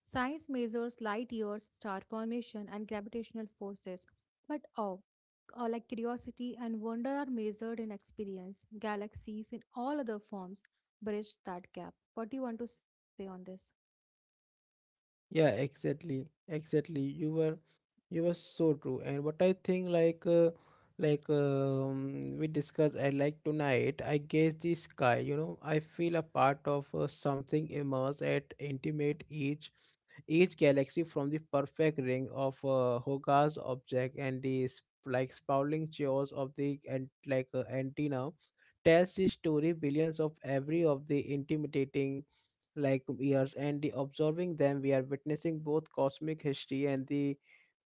B: Science measures light years, star formation, and gravitational forces, but awe, like curiosity and wonder, are measured in experience. Galaxies in all other forms bridge that gap. What do you want to say on this?
A: Yeah, exactly, exactly. You were so true. And what I think, like we discussed, I like tonight. I guess the sky. You know, I feel a part of something immense at intimate each galaxy from the perfect ring of Hogarth's object and the like sprawling jaws of the and like antenna tells the story billions of every of the intimidating like years, and the observing them we are witnessing both cosmic history and the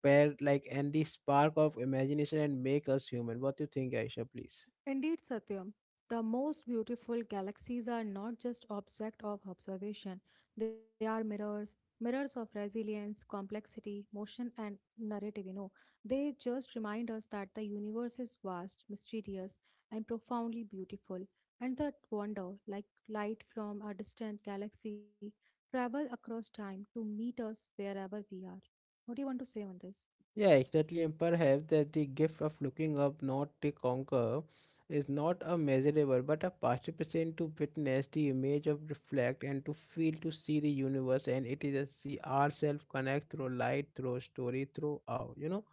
A: pair like and the spark of imagination and make us human. What do you think, Aisha, please?
B: Indeed, Satyam, the most beautiful galaxies are not just objects of observation, they are mirrors, mirrors of resilience, complexity, motion, and narrative. You know, they just remind us that the universe is vast, mysterious, and profoundly beautiful, and that wonder, like light from a distant galaxy, travel across time to meet us wherever we are. What do you want to say on this?
A: Yeah, exactly. And perhaps that the gift of looking up, not to conquer, is not a measurable but a participation to witness the image of reflect and to feel to see the universe, and it is a see ourselves connect through light, through story, through our,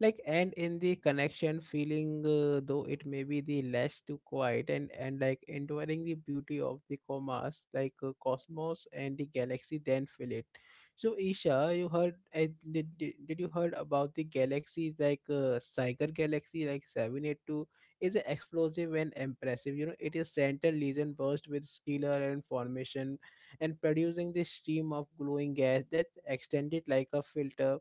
A: like and in the connection feeling though it may be the less to quiet and like enduring the beauty of the commas like cosmos and the galaxy then feel it. So Isha, you heard I, did you heard about the galaxies like Siger Galaxy like 782 is an explosive and impressive. You know, it is center lesion burst with stellar and formation and producing this stream of glowing gas that extended like a filter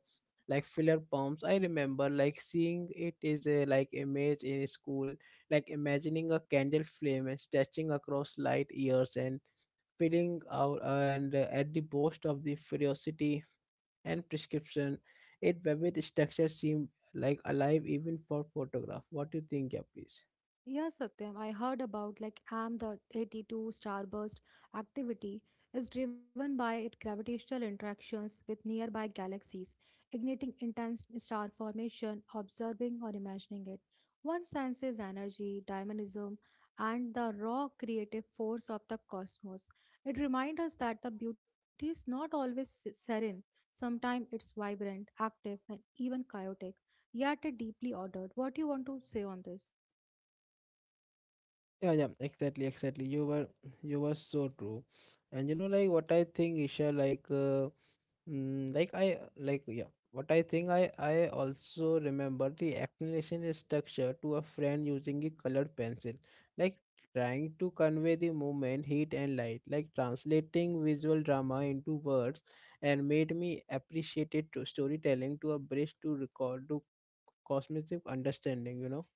A: like filler pumps. I remember like seeing it is a like image in school, like imagining a candle flame and stretching across light years and filling out and at the boast of the ferocity and prescription. It vivid structure seemed like alive even for photograph. What do you think, yeah, please?
B: Yeah, Satyam, I heard about like AM the 82 starburst activity is driven by its gravitational interactions with nearby galaxies, igniting intense star formation, observing or imagining it. One senses energy, dynamism, and the raw creative force of the cosmos. It reminds us that the beauty is not always serene. Sometimes it's vibrant, active, and even chaotic, yet it deeply ordered. What do you want to say on this?
A: Yeah, yeah, exactly, exactly. You were so true. And you know like what I think, Isha, like like I like yeah. What I think I also remember the explanation is structure to a friend using a colored pencil, like trying to convey the movement, heat, and light, like translating visual drama into words, and made me appreciate it to storytelling to a bridge to record to cosmic understanding.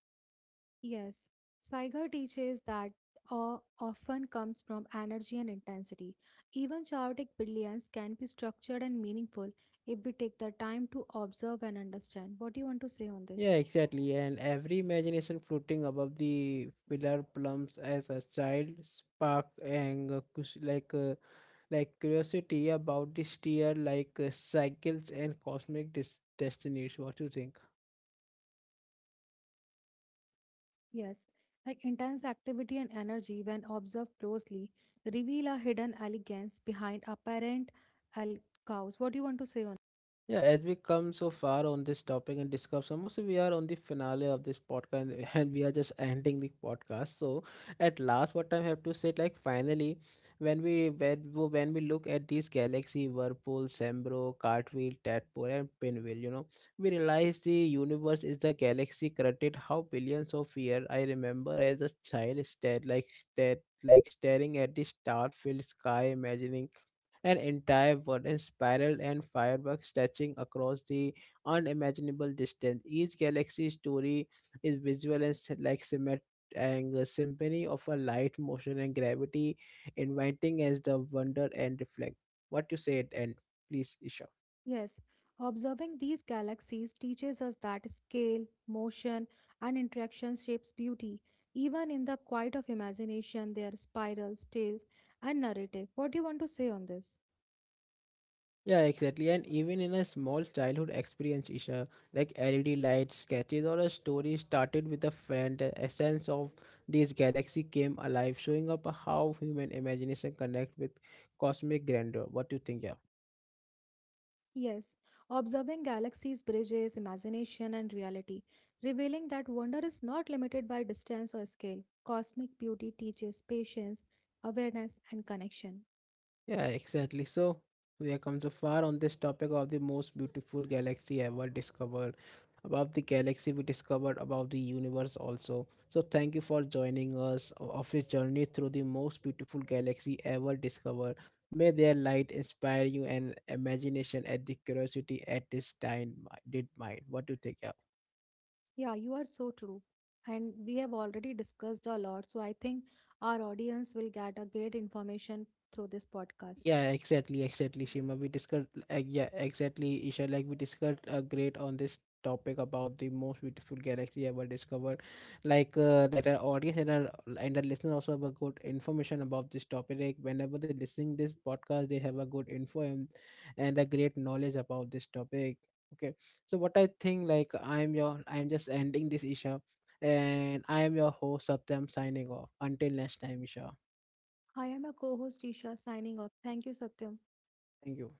B: Yes, Saiga teaches that awe often comes from energy and intensity. Even chaotic brilliance can be structured and meaningful if we take the time to observe and understand. What do you want to say on
A: Yeah,
B: this?
A: exactly. And every imagination floating above the pillar plums as a child spark and like curiosity about the steer like cycles and cosmic destinies. What do you think?
B: Yes, like intense activity and energy, when observed closely, reveal a hidden elegance behind apparent al- chaos. What do you want to say on?
A: Yeah, as we come so far on this topic and discuss almost we are on the finale of this podcast and and we are just ending the podcast. So at last, what I have to say, like finally, when we look at these galaxy, whirlpool, Sembro, cartwheel, tadpole, and pinwheel, you know, we realize the universe is the galaxy created how billions of years. I remember as a child stared like that like staring at the star-filled sky, imagining an entire burden spiraled and fireworks stretching across the unimaginable distance. Each galaxy story is visual and like and a symphony of a light, motion, and gravity, inviting as the wonder and reflect. What you said, and please, Isha.
B: Yes, observing these galaxies teaches us that scale, motion, and interaction shapes beauty. Even in the quiet of imagination, there are spirals, tales, and narrative. What do you want to say on this?
A: Yeah, exactly. And even in a small childhood experience, Isha, like LED lights, sketches, or a story started with a friend, the essence of this galaxy came alive, showing up how human imagination connect with cosmic grandeur. What do you think, yeah?
B: Yes, observing galaxies bridges imagination and reality, revealing that wonder is not limited by distance or scale. Cosmic beauty teaches patience, awareness, and connection.
A: Yeah, exactly. So there comes so far on this topic of the most beautiful galaxy ever discovered. About the galaxy we discovered, about the universe also. So thank you for joining us of this journey through the most beautiful galaxy ever discovered. May their light inspire you and imagination at the curiosity at this time mi- did mine. What do you think? Yeah.
B: Yeah, you are so true. And we have already discussed a lot, so I think our audience will get a great information through this podcast.
A: Yeah, exactly, exactly, Shima. We discussed, yeah, exactly, Isha. Like we discussed great on this topic about the most beautiful galaxy ever discovered. Like that our audience and our listener also have a good information about this topic. Like whenever they're listening this podcast, they have a good info and a great knowledge about this topic. Okay, so what I think, like I'm just ending this, Isha, and I am your host Satyam signing off. Until next time, Isha.
B: I am a co-host Isha signing off. Thank you, Satyam.
A: Thank you.